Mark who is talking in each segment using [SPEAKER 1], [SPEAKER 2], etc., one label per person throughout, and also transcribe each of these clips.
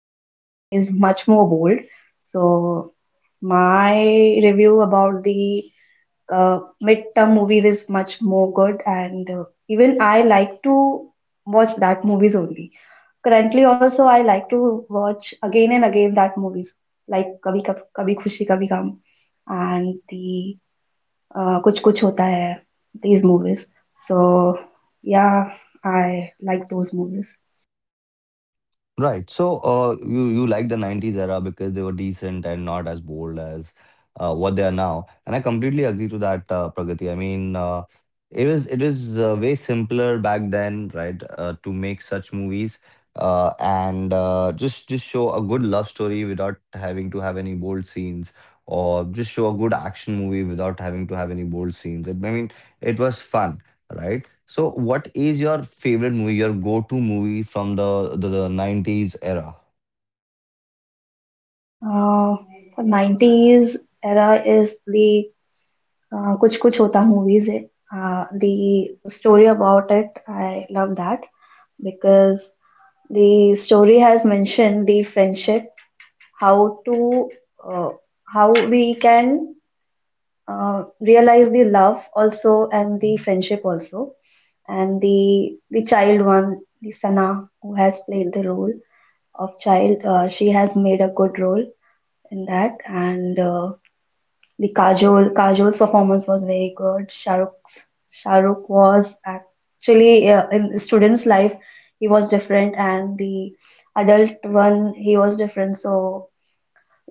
[SPEAKER 1] current one is much more bold. So my review about the midterm movies is much more good, and even I like to watch that movies only. Currently, also I like to watch again and again that movies like Kabhi Khushi Kabhi Gam, and the Kuch Kuch Hota Hai. These movies. So, yeah, I like those movies.
[SPEAKER 2] Right. So, you like the 90s era because they were decent and not as bold as what they are now. And I completely agree to that, Pragati. I mean, it was way simpler back then, right, to make such movies and just show a good love story without having to have any bold scenes, or just show a good action movie without having to have any bold scenes. I mean, it was fun. Right. So, what is your favorite movie, your go-to movie from the 90s era?
[SPEAKER 1] Uh, for 90s era is the Kuch Kuch Hota movies, eh? The story about it, I love that because the story has mentioned the friendship, how to, uh, how we can realize the love also and the friendship also, and the child one, the Sana, who has played the role of child, she has made a good role in that and. The Kajol's performance was very good. Shahrukh was actually, in student's life he was different, and the adult one he was different. So,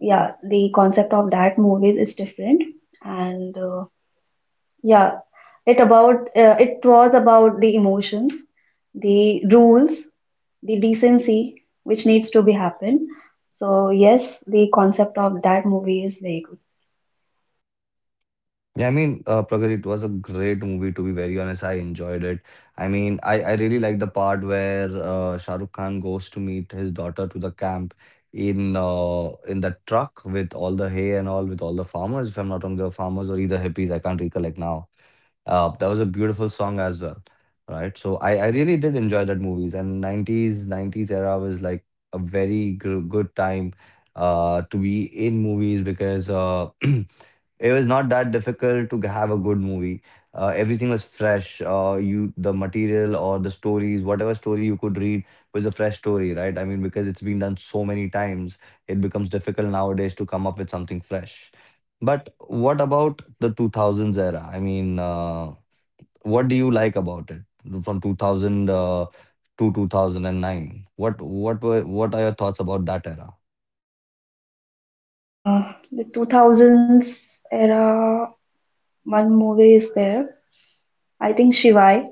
[SPEAKER 1] yeah, the concept of that movies is different, and yeah, it was about the emotions, the rules, the decency which needs to be happened. So yes, the concept of that movie is very good.
[SPEAKER 2] Yeah, I mean, Pragati, it was a great movie, to be very honest. I enjoyed it. I mean, I really like the part where Shah Rukh Khan goes to meet his daughter to the camp in the truck with all the hay and all, with all the farmers, if I'm not wrong, the farmers or either hippies, I can't recollect now. That was a beautiful song as well, right? So I really did enjoy that movies, and 90s era was like a very good time to be in movies because it was not that difficult to have a good movie. Everything was fresh. You the material or the stories, whatever story you could read was a fresh story, right? I mean, because it's been done so many times, it becomes difficult nowadays to come up with something fresh. But what about the 2000s era? I mean, what do you like about it from 2000 to 2009? What are your thoughts about that era?
[SPEAKER 1] Uh, the 2000s era, one movie is there. I think Shivai.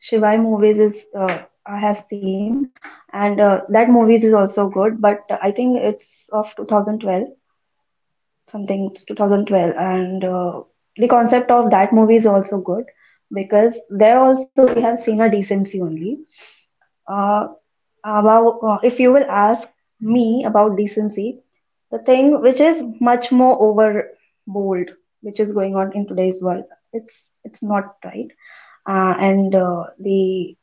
[SPEAKER 1] Shivai movies is, I have seen, and that movies is also good. But I think it's of 2012, something 2012, and the concept of that movie is also good because there also we have seen a decency only. Uh, about if you will ask me about decency, the thing which is much more overboard, which is going on in today's world, it's it's not right, and the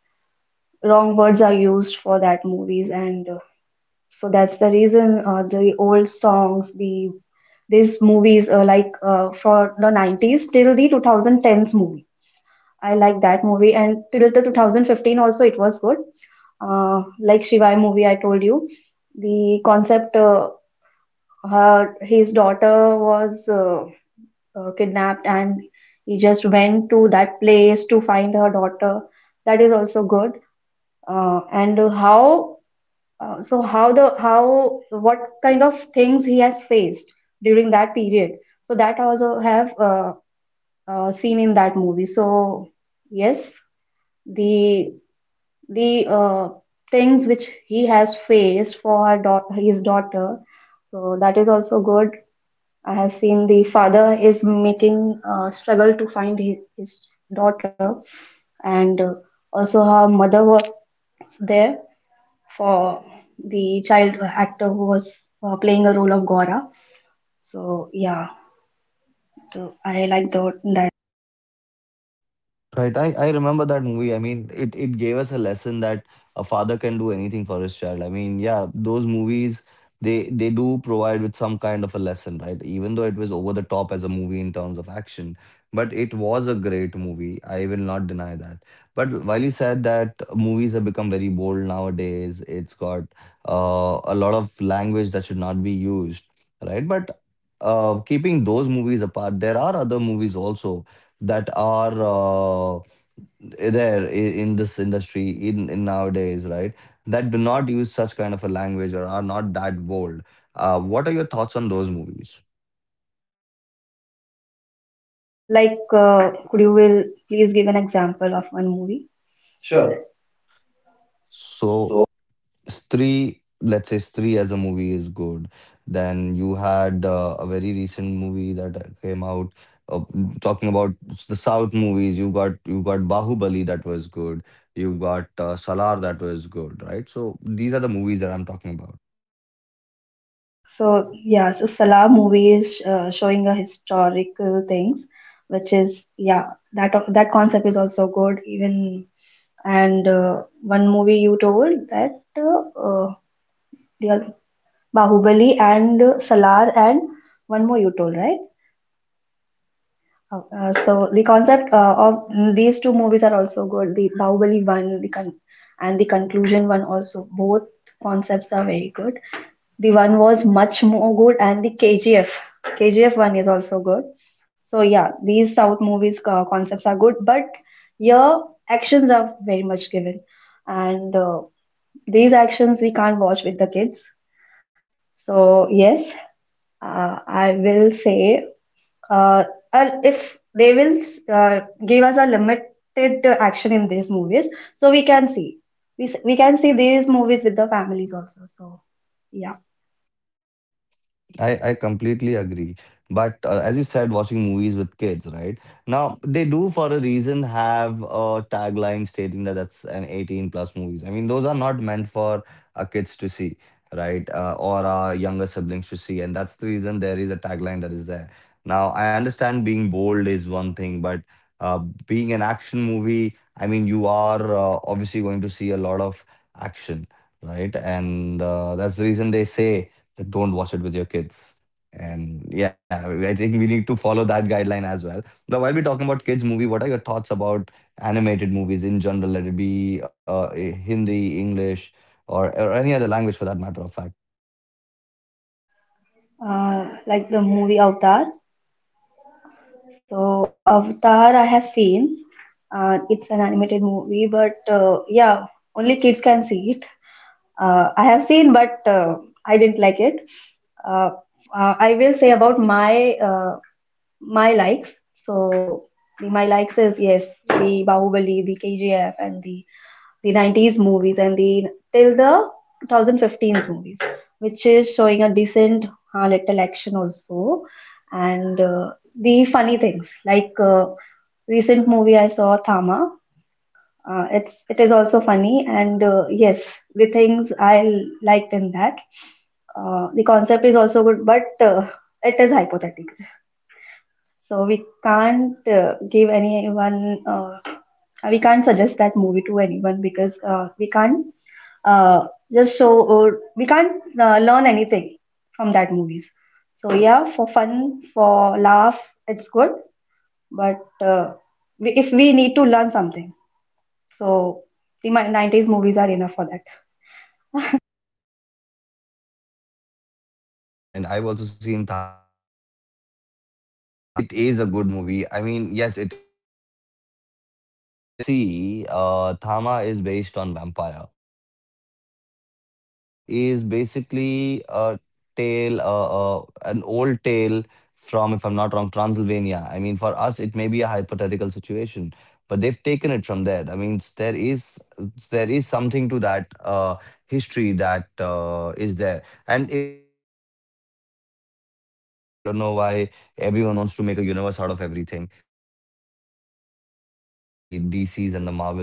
[SPEAKER 1] wrong words are used for that movies, and so that's the reason, the old songs, these movies, like, for the 90s till the 2010s movie. I like that movie, and till the 2015 also it was good. Like Shivai movie, I told you the concept. Her his daughter was, kidnapped, and he just went to that place to find her daughter. That is also good. And how, so, how what kind of things he has faced during that period? So that I also have, seen in that movie. So yes, the the things which he has faced for his daughter. So that is also good. I have seen the father is making struggle to find his daughter, and also her mother was there for the child actor who was playing a role of Gora. So, yeah, so I like that.
[SPEAKER 2] Right. I remember that movie. I mean, it gave us a lesson that a father can do anything for his child. I mean, yeah, those movies they do provide with some kind of a lesson, right? Even though it was over the top as a movie in terms of action, but it was a great movie. I will not deny that. But while you said that movies have become very bold nowadays, it's got a lot of language that should not be used, right? But keeping those movies apart, there are other movies also that are in this industry in nowadays, right? That do not use such kind of a language or are not that bold. What are your thoughts on those movies?
[SPEAKER 1] Like, could you will please give an example of one movie?
[SPEAKER 2] So, Stree, let's say Stree as a movie is good. Then you had a very recent movie that came out uh, talking about the South movies. You got Bahubali that was good. You got Salar that was good, right? So these are the movies that I'm talking about.
[SPEAKER 1] Yeah, so yeah, so Salah movie is, showing a historical things, which is, yeah, that concept is also good. Even, and one movie you told, that, the other- Bahubali and Salar, and one more you told, right? Oh. So the concept, of these two movies are also good. The Bahubali one, and the conclusion one also. Both concepts are very good. The one was much more good, and the KGF one is also good. So, yeah, these South movies, concepts are good, but your actions are very much given, and these actions we can't watch with the kids. So yes, I will say. Uh, and if they will uh, give us a limited, action in these movies, so we can see. We can see these movies with the families also. So, yeah.
[SPEAKER 2] I completely agree. But as you said, watching movies with kids, right? Now, they do for a reason have a tagline stating that that's an 18 plus movies. I mean, those are not meant for kids to see, right? Or our younger siblings to see. And that's the reason there is a tagline that is there. Now, I understand being bold is one thing, but uh, being an action movie, I mean, you are obviously going to see a lot of action, right? And that's the reason they say that don't watch it with your kids. And yeah, I think we need to follow that guideline as well. Now, while we're talking about kids' movie, what are your thoughts about animated movies in general? Let it be Hindi, English, or any other language for that matter of fact.
[SPEAKER 1] Like the movie Avatar. So, Avatar I have seen. It's an animated movie, but yeah, only kids can see it. I have seen, but I didn't like it. Uh, I will say about my likes. So my likes is, yes, the Bahubali, the KGF, and the 90s movies, and the till the 2015 movies, which is showing a decent, little action also, and the funny things, like recent movie I saw Thama. It is also funny, and yes, the things I liked in that. The concept is also good, but it is hypothetical, so we can't, give anyone, we can't suggest that movie to anyone because we can't, uh, just show, or we can't learn anything from that movies. So, yeah, for fun, for laugh, it's good. But if we need to learn something, so the 90s movies are enough for that.
[SPEAKER 2] I know I completely agree, and I've also seen Tama. Uh, it is a good movie. I mean, yes, it is fictional, but if you go to see, Tama is based on vampire. Right. Vampire is basically a tale, an old tale from, if I'm not wrong, Transylvania. I mean, for us, it may be a hypothetical situation, but they've taken it from there. I mean, there is something to that history that is there. And if I see the entire universe nowadays, I don't know why everyone wants to make a universe out of everything. I think this has all happened after the DCs and the Marvels of the world,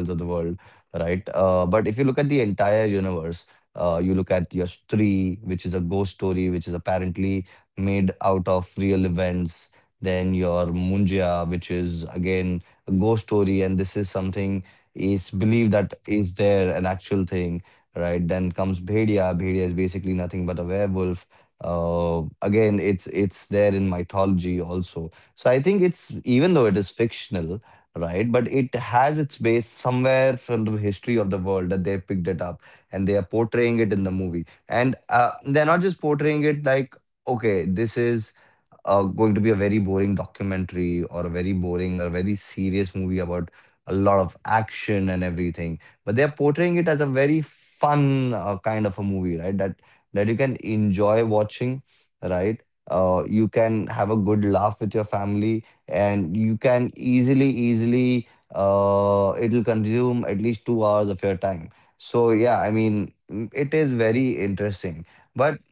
[SPEAKER 2] right? But if you look at the entire universe, you look at Yash 3, which is a ghost story, which is apparently made out of real events. Then your Munjia, which is again a ghost story, and this is something is believed that is there an actual thing, right? Then comes Bhedia. Bhedia is basically nothing but a werewolf. Again, it's there in mythology also. So I think it's even though it is fictional, right? But it has its base somewhere from the history of the world that they picked it up, and they are portraying it in the movie. And they're not just portraying it like, okay, this is going to be a very boring documentary or a very boring or a very serious movie about a lot of action and everything. But they're portraying it as a very fun kind of a movie, right? That you can enjoy watching, right? You can have a good laugh with your family, and you can easily it'll consume at least 2 hours of your time. So yeah, I mean, it is very interesting. But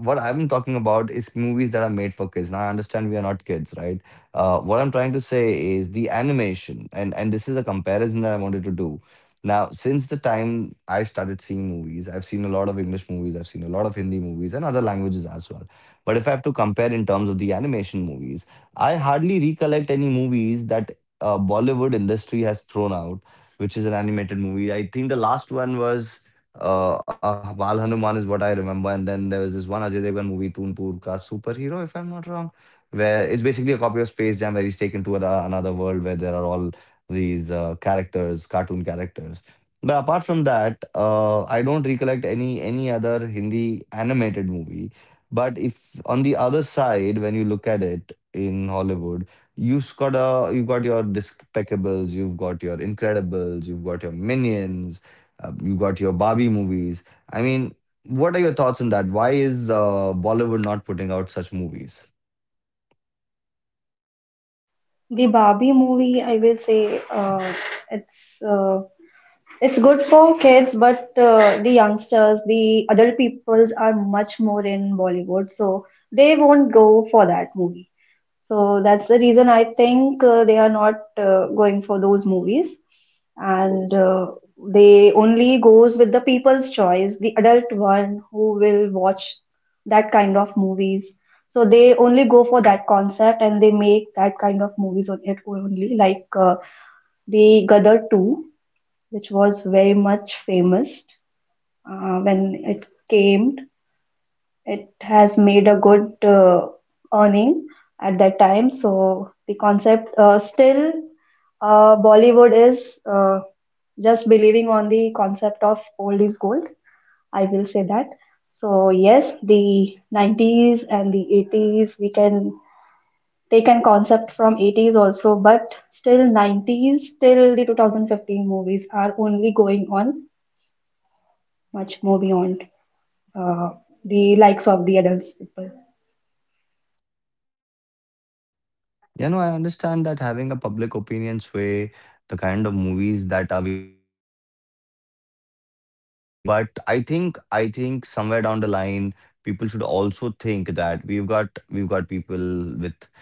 [SPEAKER 2] what I'm talking about is movies that are made for kids. Now I understand we are not kids, right? What I'm trying to say is the animation, and this is a comparison that I wanted to do. Now, since the time I started seeing movies, I've seen a lot of English movies, I've seen a lot of Hindi movies and other languages as well. But if I have to compare in terms of the animation movies, I hardly recollect any movies that Bollywood industry has thrown out, which is an animated movie. I think the last one was Baal Hanuman is what I remember, and then there was this one Ajay Devgn movie, Toonpur Ka Superhero, if I'm not wrong, where it's basically a copy of Space Jam, where he's taken to another world where there are all these characters, cartoon characters. But apart from that, I don't recollect any other Hindi animated movie. But if on the other side, when you look at it, in Hollywood. You've got your Despicables, you've got your Incredibles, you've got your Minions, you got your Barbie movies. I mean, what are your thoughts on that? Why is Bollywood not putting out such movies?
[SPEAKER 1] The Barbie movie, I will say, it's uh, It's good for kids, but the youngsters, the adult peoples are much more in Bollywood, so they won't go for that movie. So that's the reason I think they are not going for those movies, and they only goes with the people's choice, the adult one who will watch that kind of movies. So they only go for that concept, and they make that kind of movies on it only, like the Gadar 2, which was very much famous, when it came. It has made a good, earning at that time. So the concept, still Bollywood is just believing on the concept of old is gold. I will say that. So yes, the 90s and the 80s, we can take an concept from 80s also, but still 90s till the 2015 movies are only going on much more beyond, uh, the likes of the adults people.
[SPEAKER 2] Yeah, no, I understand that having a public opinion sway the kind of movies that are being made is logical. But I think somewhere down the line, people should also think that we've got people with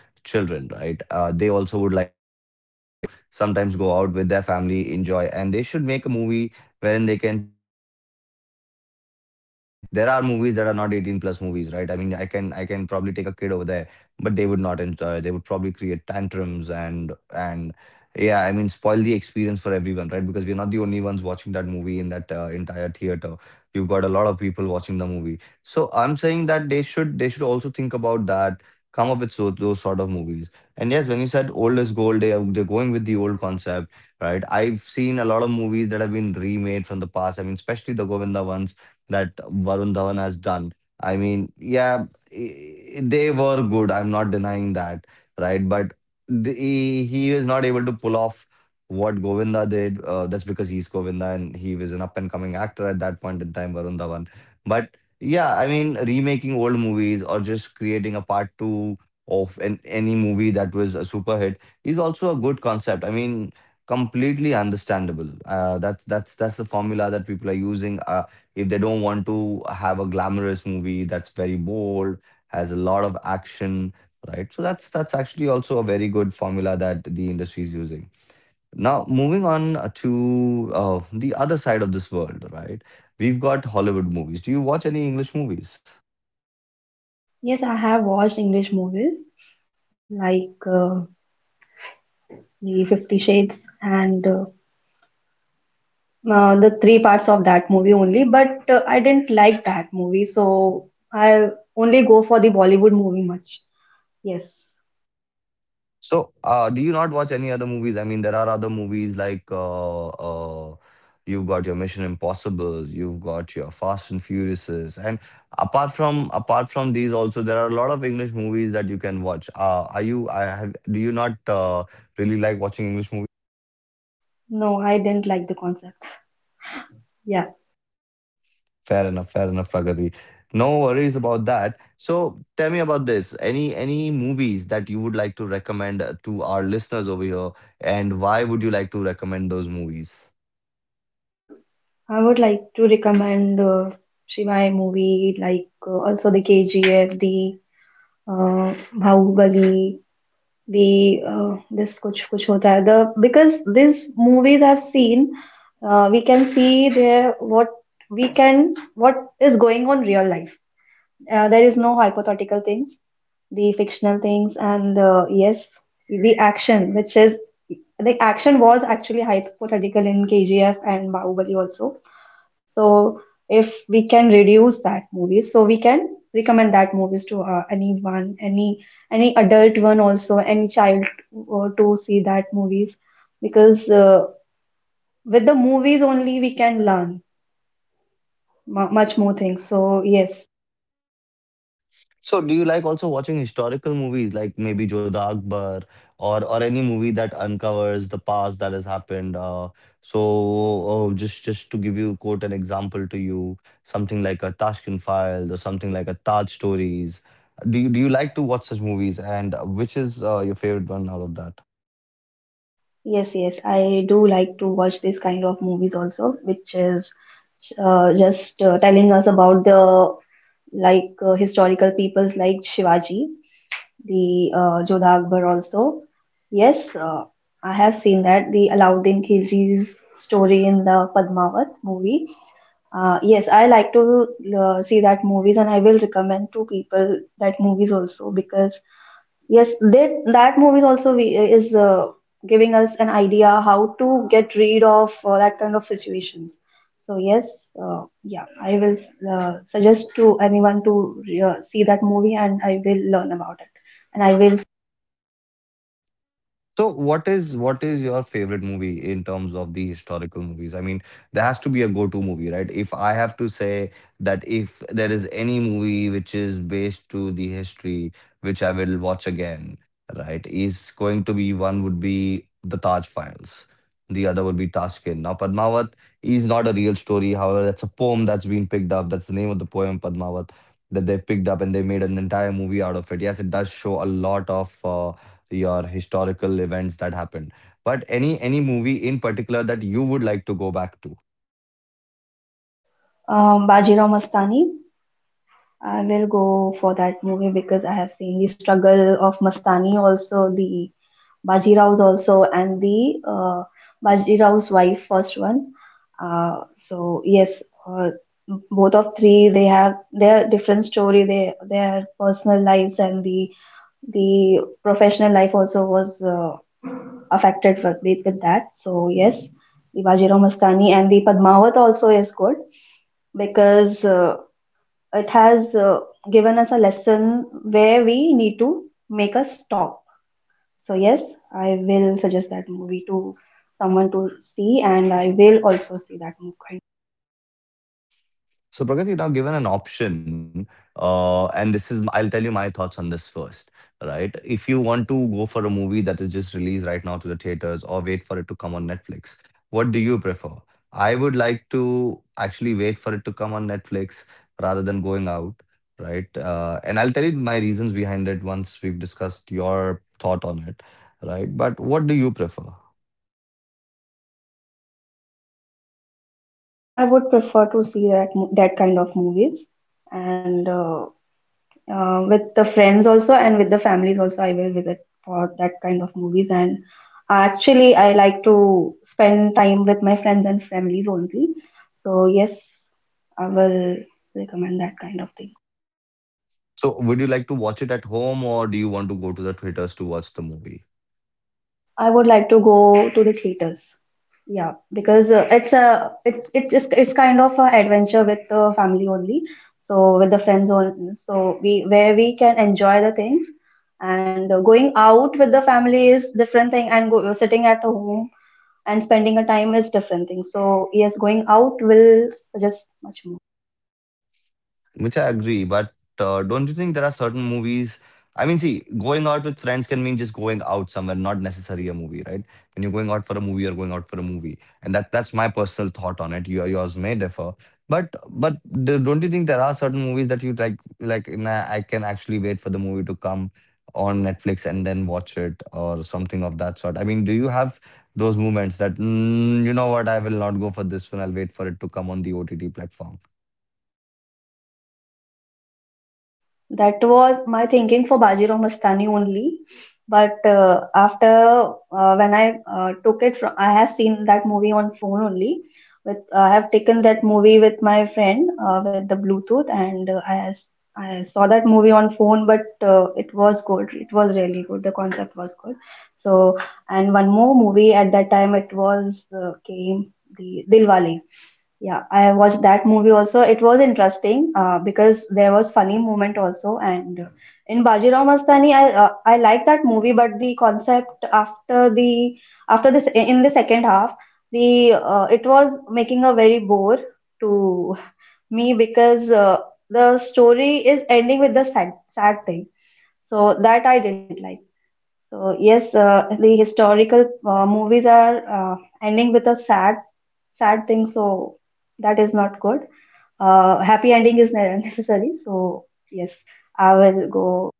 [SPEAKER 2] children, right? They also would like to sometimes go out with their family, enjoy, and they should make a movie wherein they can take their kids and the kids will enjoy. I mean, there are movies that are not 18 plus movies, right? I mean, I can probably take a kid over there, but they would not enjoy. They would probably create tantrums, and yeah, I mean, spoil the experience for everyone, right? Because we're not the only ones watching that movie in that entire theater. You've got a lot of people watching the movie. So I'm saying that they should also think about that. Come up with so, those sort of movies. And yes, when you said old is gold, they're going with the old concept, right? I've seen a lot of movies that have been remade from the past. I mean, especially the Govinda ones that Varun Dhawan has done. I mean, yeah, they were good. I'm not denying that, right? But he is not able to pull off what Govinda did. That's because he's Govinda, and he was an up and coming actor at that point in time, Varun Dhawan. But yeah, I mean, remaking old movies or just creating a part two of any movie that was a super hit is also a good concept. I mean, completely understandable. That's the formula that people are using. If they don't want to have a glamorous movie that's very bold, has a lot of action, right? So that's actually also a very good formula that the industry is using. Now, moving on to the other side of this world, right? We've got Hollywood movies. Do you watch any English movies?
[SPEAKER 1] Yes, I have watched English movies like the Fifty Shades, and the three parts of that movie only, but I didn't like that movie, so I only go for the Bollywood movie much. Yes.
[SPEAKER 2] So, do you not watch any other movies? I mean, there are other movies like you've got your Mission Impossible, you've got your Fast and Furiouses, and apart from these, also there are a lot of English movies that you can watch. Are you? I have. Do you not really like watching English movies?
[SPEAKER 1] No, I didn't like the concept. Yeah,
[SPEAKER 2] Fair enough, Pragati. No worries about that. So, tell me about this. Any movies that you would like to recommend to our listeners over here, and why would you like to recommend those movies?
[SPEAKER 1] I would like to recommend, Shivai movie, like, also the KGF, the Bahubali, the this kuch kuch hota hai the, because these movies I've seen, we can see there what we can what is going on real life, there is no hypothetical things, the fictional things, and yes, the action which is, the action was actually hypothetical in KGF and Bahubali also. So if we can reduce that movies, so we can recommend that movies to, anyone, any adult one also, any child, to see that movies, because with the movies only we can learn mu much more things. So yes,
[SPEAKER 2] So do you like also watching historical movies like maybe Jodha Akbar or any movie that uncovers the past that has happened? Just to give you quote an example to you, something like a Tashkent Files or something like a Taj Stories. Do you like to watch such movies and which is your favorite one out of that?
[SPEAKER 1] yes, yes, I do like to watch this kind of movies also, which is just telling us about the, like, historical peoples like Shivaji, the Jodha Akbar also. Yes, I have seen that the Alauddin Khilji's story in the Padmavat movie. Yes, I like to see that movies, and I will recommend to people that movies also, because yes, that movies also, is giving us an idea how to get rid of, that kind of situations. So yes, yeah, I will suggest to anyone to see that movie, and I will learn about it, and I will.
[SPEAKER 2] So what is your favorite movie in terms of the historical movies? I mean, there has to be a go-to movie, right? If I have to say that if there is any movie which is based to the history, which I will watch again, right, is going to be one would be The Taj Files. The other would be Tashkent. Now, Padmavat is not a real story. However, that's a poem that's been picked up. That's the name of the poem, Padmavat, that they picked up and they made an entire movie out of it. Yes, it does show a lot of your historical events that happened, but any movie in particular that you would like to go back to?
[SPEAKER 1] Bajirao Mastani. I will go for that movie because I have seen the struggle of Mastani, also the Bajirao's also, and the Bajirao's wife, first one. So yes, uh, both of three, they have their different story, they their personal lives, and the professional life also was affected with that. So yes, the Bajirao Mastani and the Padmavat also is good, because it has given us a lesson where we need to make a stop. So yes, I will suggest that movie to someone to see, and I will also see that movie.
[SPEAKER 2] So Pragati, now given an option, and this is, I'll tell you my thoughts on this first, right? If you want to go for a movie that is just released right now to the theaters or wait for it to come on Netflix, what do you prefer? I would like to actually wait for it to come on Netflix rather than going out, right? And I'll tell you my reasons behind it once we've discussed your thought on it, right? But what do you prefer?
[SPEAKER 1] I would prefer to see that kind of movies, and with the friends also, and with the families also, I will visit for that kind of movies, and actually I like to spend time with my friends and families only. So yes, I will recommend that kind of thing.
[SPEAKER 2] So would you like to watch it at home or do you want to go to the theaters to watch the movie?
[SPEAKER 1] I would like to go to the theaters, yeah, because it's a it, it, it's kind of an adventure with the family only, so with the friends only. So we where we can enjoy the things, and going out with the family is different thing and sitting at home and spending a time is different thing. So yes, going out will suggest much more.
[SPEAKER 2] Which I agree, but don't you think there are certain movies? I mean, see, going out with friends can mean just going out somewhere, not necessarily a movie, right? When you're going out for a movie, you're going out for a movie, and that's my personal thought on it. Your yours may differ, but don't you think there are certain movies that you like? Like, nah, I can actually wait for the movie to come on Netflix and then watch it or something of that sort. I mean, do you have those moments that you know what? I will not go for this one. I'll wait for it to come on the OTT platform.
[SPEAKER 1] That was my thinking for Bajirao Mastani only. But after when I took it from, I have seen that movie on phone only. With I have taken that movie with my friend with the Bluetooth, and I saw that movie on phone. But it was good. It was really good. The concept was good. So and one more movie at that time it was came the Dilwale. Yeah, I watched that movie also. It was interesting because there was funny moment also. And in Bajirao Mastani, I like that movie, but the concept after the after this in the second half, the it was making a very bore to me because the story is ending with the sad sad thing. So that I didn't like. So yes, the historical movies are ending with a sad, sad thing. So that is not good. Happy ending is necessary. So yes, I will go.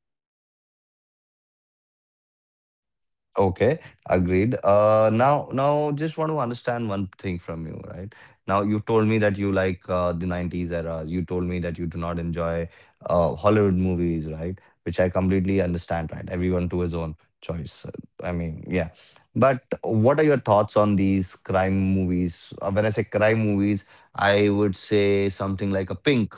[SPEAKER 2] Okay, agreed. Now, just want to understand one thing from you, right? Now, you told me that you like the 90s era. You told me that you do not enjoy Hollywood movies, right? Which I completely understand, right? Everyone to his own choice. I mean, yeah. But what are your thoughts on these crime movies? When I say crime movies, I would say something like a Pink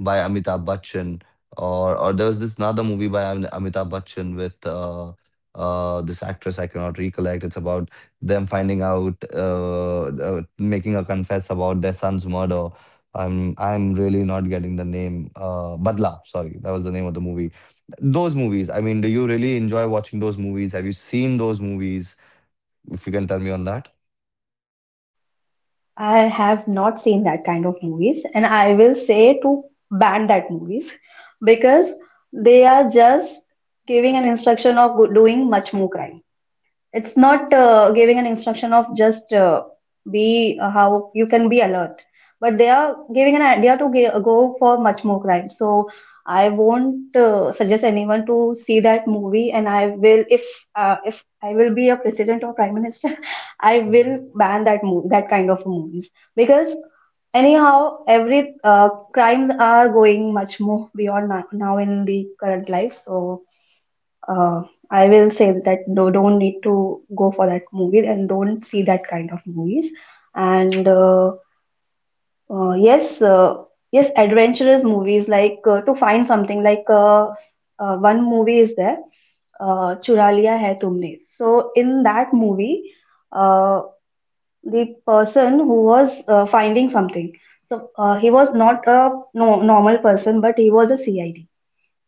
[SPEAKER 2] by Amitabh Bachchan, or there was this another movie by Amitabh Bachchan with this actress I cannot recollect. It's about them finding out, making a confess about their son's murder. I'm really not getting the name. Badla, sorry, that was the name of the movie. Those movies. I mean, do you really enjoy watching those movies? Have you seen those movies? If you can tell me on that.
[SPEAKER 1] I have not seen that kind of movies, and I will say to ban that movies because they are just giving an instruction of doing much more crime. It's not giving an instruction of just be how you can be alert, but they are giving an idea to go for much more crime. So I won't suggest anyone to see that movie, and I will if I will be a president or prime minister, I will ban that movie, that kind of movies because anyhow every crimes are going much more beyond now in the current life, so uh, I will say that no, don't need to go for that movie and don't see that kind of movies. And uh, uh, yes, uh, yes, adventurous movies like to find something like one movie is there, Chura Liya Hai Tumne. So in that movie, uh, the person who was finding something, so he was not a no, normal person, but he was a CID.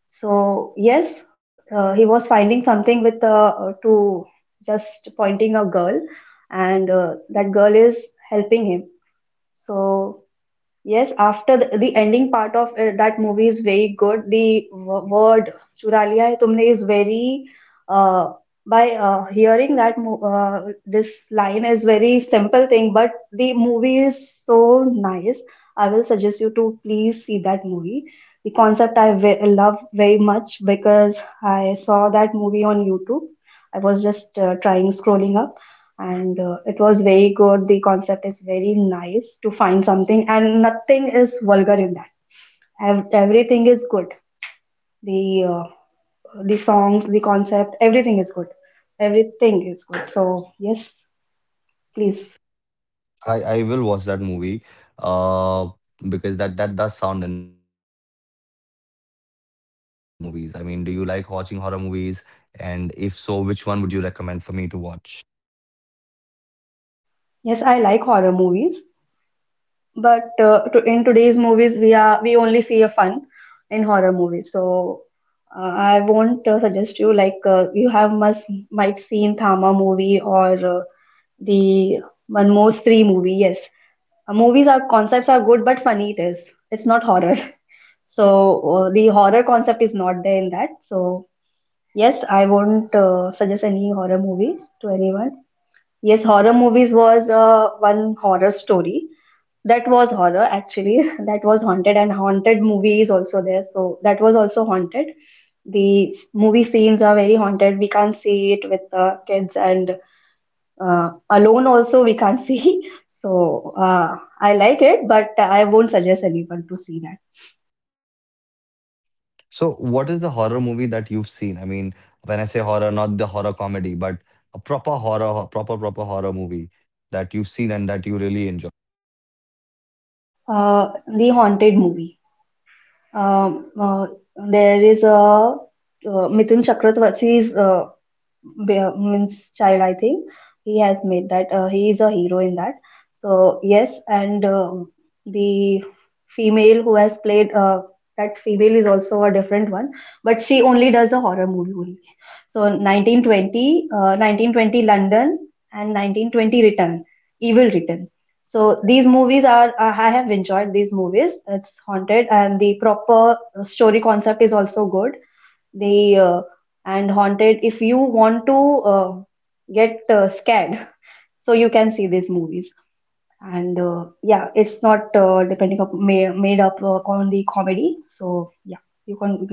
[SPEAKER 1] So yes, he was finding something with to just pointing a girl, and that girl is helping him. So yes, after the ending part of that movie is very good. The word "चुरा लिया है तुमने" is very uh, by hearing that mo this line is very simple thing, but the movie is so nice. I will suggest you to please see that movie. The concept I ve love very much because I saw that movie on YouTube. I was just trying scrolling up, and it was very good. The concept is very nice to find something and nothing is vulgar in that. Everything is good. The uh, the songs, the concept, everything is good. Everything is good. So yes, please.
[SPEAKER 2] I will watch that movie, uh, because that that does sound interesting. Now, what are your thoughts on horror movies? I mean, do you like watching horror movies? And if so, which one would you recommend for me to watch?
[SPEAKER 1] Yes, I like horror movies. But in today's movies, we only see a fun in horror movies. So uh, I won't suggest you like you have must might seen Thama movie or the Manmo's Three movie. Yes, movies are concepts are good, but funny it is. It's not horror. So the horror concept is not there in that. So yes, I won't suggest any horror movies to anyone. Yes, horror movies was one horror story that was horror actually. That was haunted, and haunted movie is also there. So that was also haunted. The movie scenes are very haunted. We can't see it with the kids, and alone also we can't see. So I like it, but I won't suggest anyone to see that.
[SPEAKER 2] So, what is the horror movie that you've seen? I mean, when I say horror, not the horror comedy, but a proper horror, proper proper horror movie that you've seen and that you really enjoy.
[SPEAKER 1] Uh, the haunted movie. Um, uh, there is a Mithun Chakravarti's means child, I think he has made that. He is a hero in that, so yes. And the female who has played that female is also a different one, but she only does the horror movie only. So 1920, 1920 London, and 1920 Return, Evil Return. So these movies are I have enjoyed these movies. It's haunted and the proper story concept is also good. The And haunted, if you want to uh, get scared, so you can see these movies. And yeah, it's not depending up ma made up on the comedy. So yeah, you can.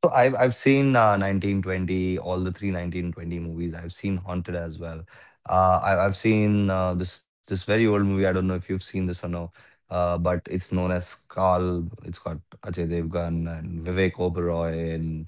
[SPEAKER 2] So I've seen 1920, all the three 1920 movies. I've seen Haunted as well. I've seen this this very old movie. I don't know if you've seen this or no, but it's known as Carl. It's got Ajay Devgan and Vivek Oberoi and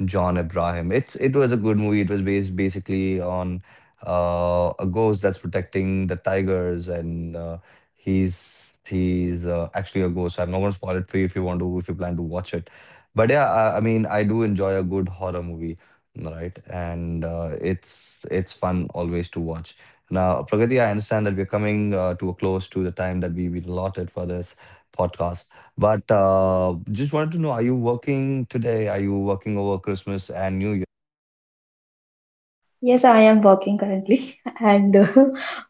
[SPEAKER 2] John Abraham. It was a good movie. It was based basically on a ghost that's protecting the tigers, and he's actually a ghost. I'm not gonna spoil it for you if you want to if you plan to watch it, but yeah, I mean, I do enjoy a good horror movie, right? And it's fun always to watch. Now, Pragati, I understand that we're coming to a close to the time that we've been allotted for this podcast. But just wanted to know, are you working today? Are you working over Christmas and New Year?
[SPEAKER 1] Yes, I am working currently, and uh,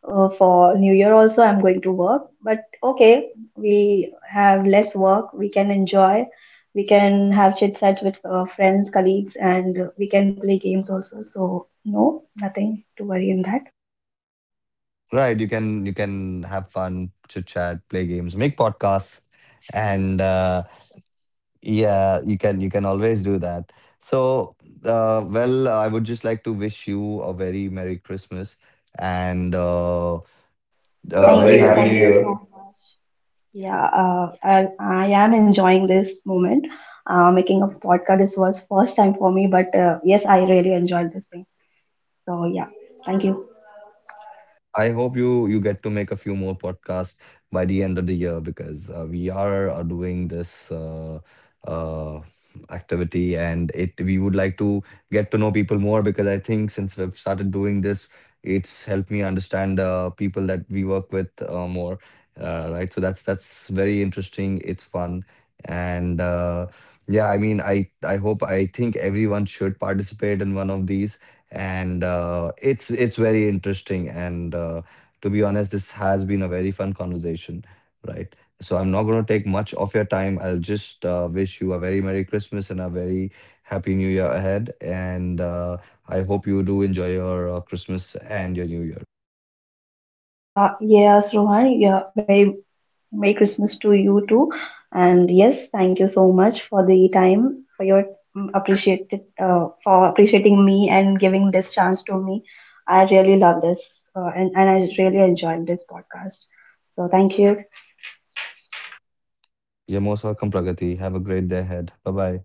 [SPEAKER 1] uh, for New Year also I'm going to work. But okay, we have less work, we can enjoy, we can have chit chats with friends, colleagues, and we can play games also. So nothing to worry in that.
[SPEAKER 2] Right, you can have fun, chit chat, play games, make podcasts, and yeah, you can always do that. So, well, I would just like to wish you a very Merry Christmas and a very Happy New
[SPEAKER 1] Thank you
[SPEAKER 2] Year.
[SPEAKER 1] so much. Yeah, I am enjoying this moment. Making a podcast, this was first time for me, but yes, I really enjoyed this thing. So yeah, thank you.
[SPEAKER 2] I hope you get to make a few more podcasts by the end of the year, because we are doing this uh, activity, and it we would like to get to know people more, because I think since we've started doing this, it's helped me understand people that we work with more, right? So that's very interesting. It's fun and yeah, I mean, I hope, I think everyone should participate in one of these, and it's very interesting and to be honest, this has been a very fun conversation, right? So I'm not going to take much of your time. I'll just wish you a very Merry Christmas and a very Happy New Year ahead, and I hope you do enjoy your Christmas and your New Year.
[SPEAKER 1] Yeah, yes, Rohan. Yeah, very Merry Christmas to you too. And yes, thank you so much for the time, for your mm, appreciated, for appreciating me and giving this chance to me. I really love this, and I really enjoyed this podcast. So thank you.
[SPEAKER 2] You're most welcome, Pragati. Have a great day ahead. Bye bye.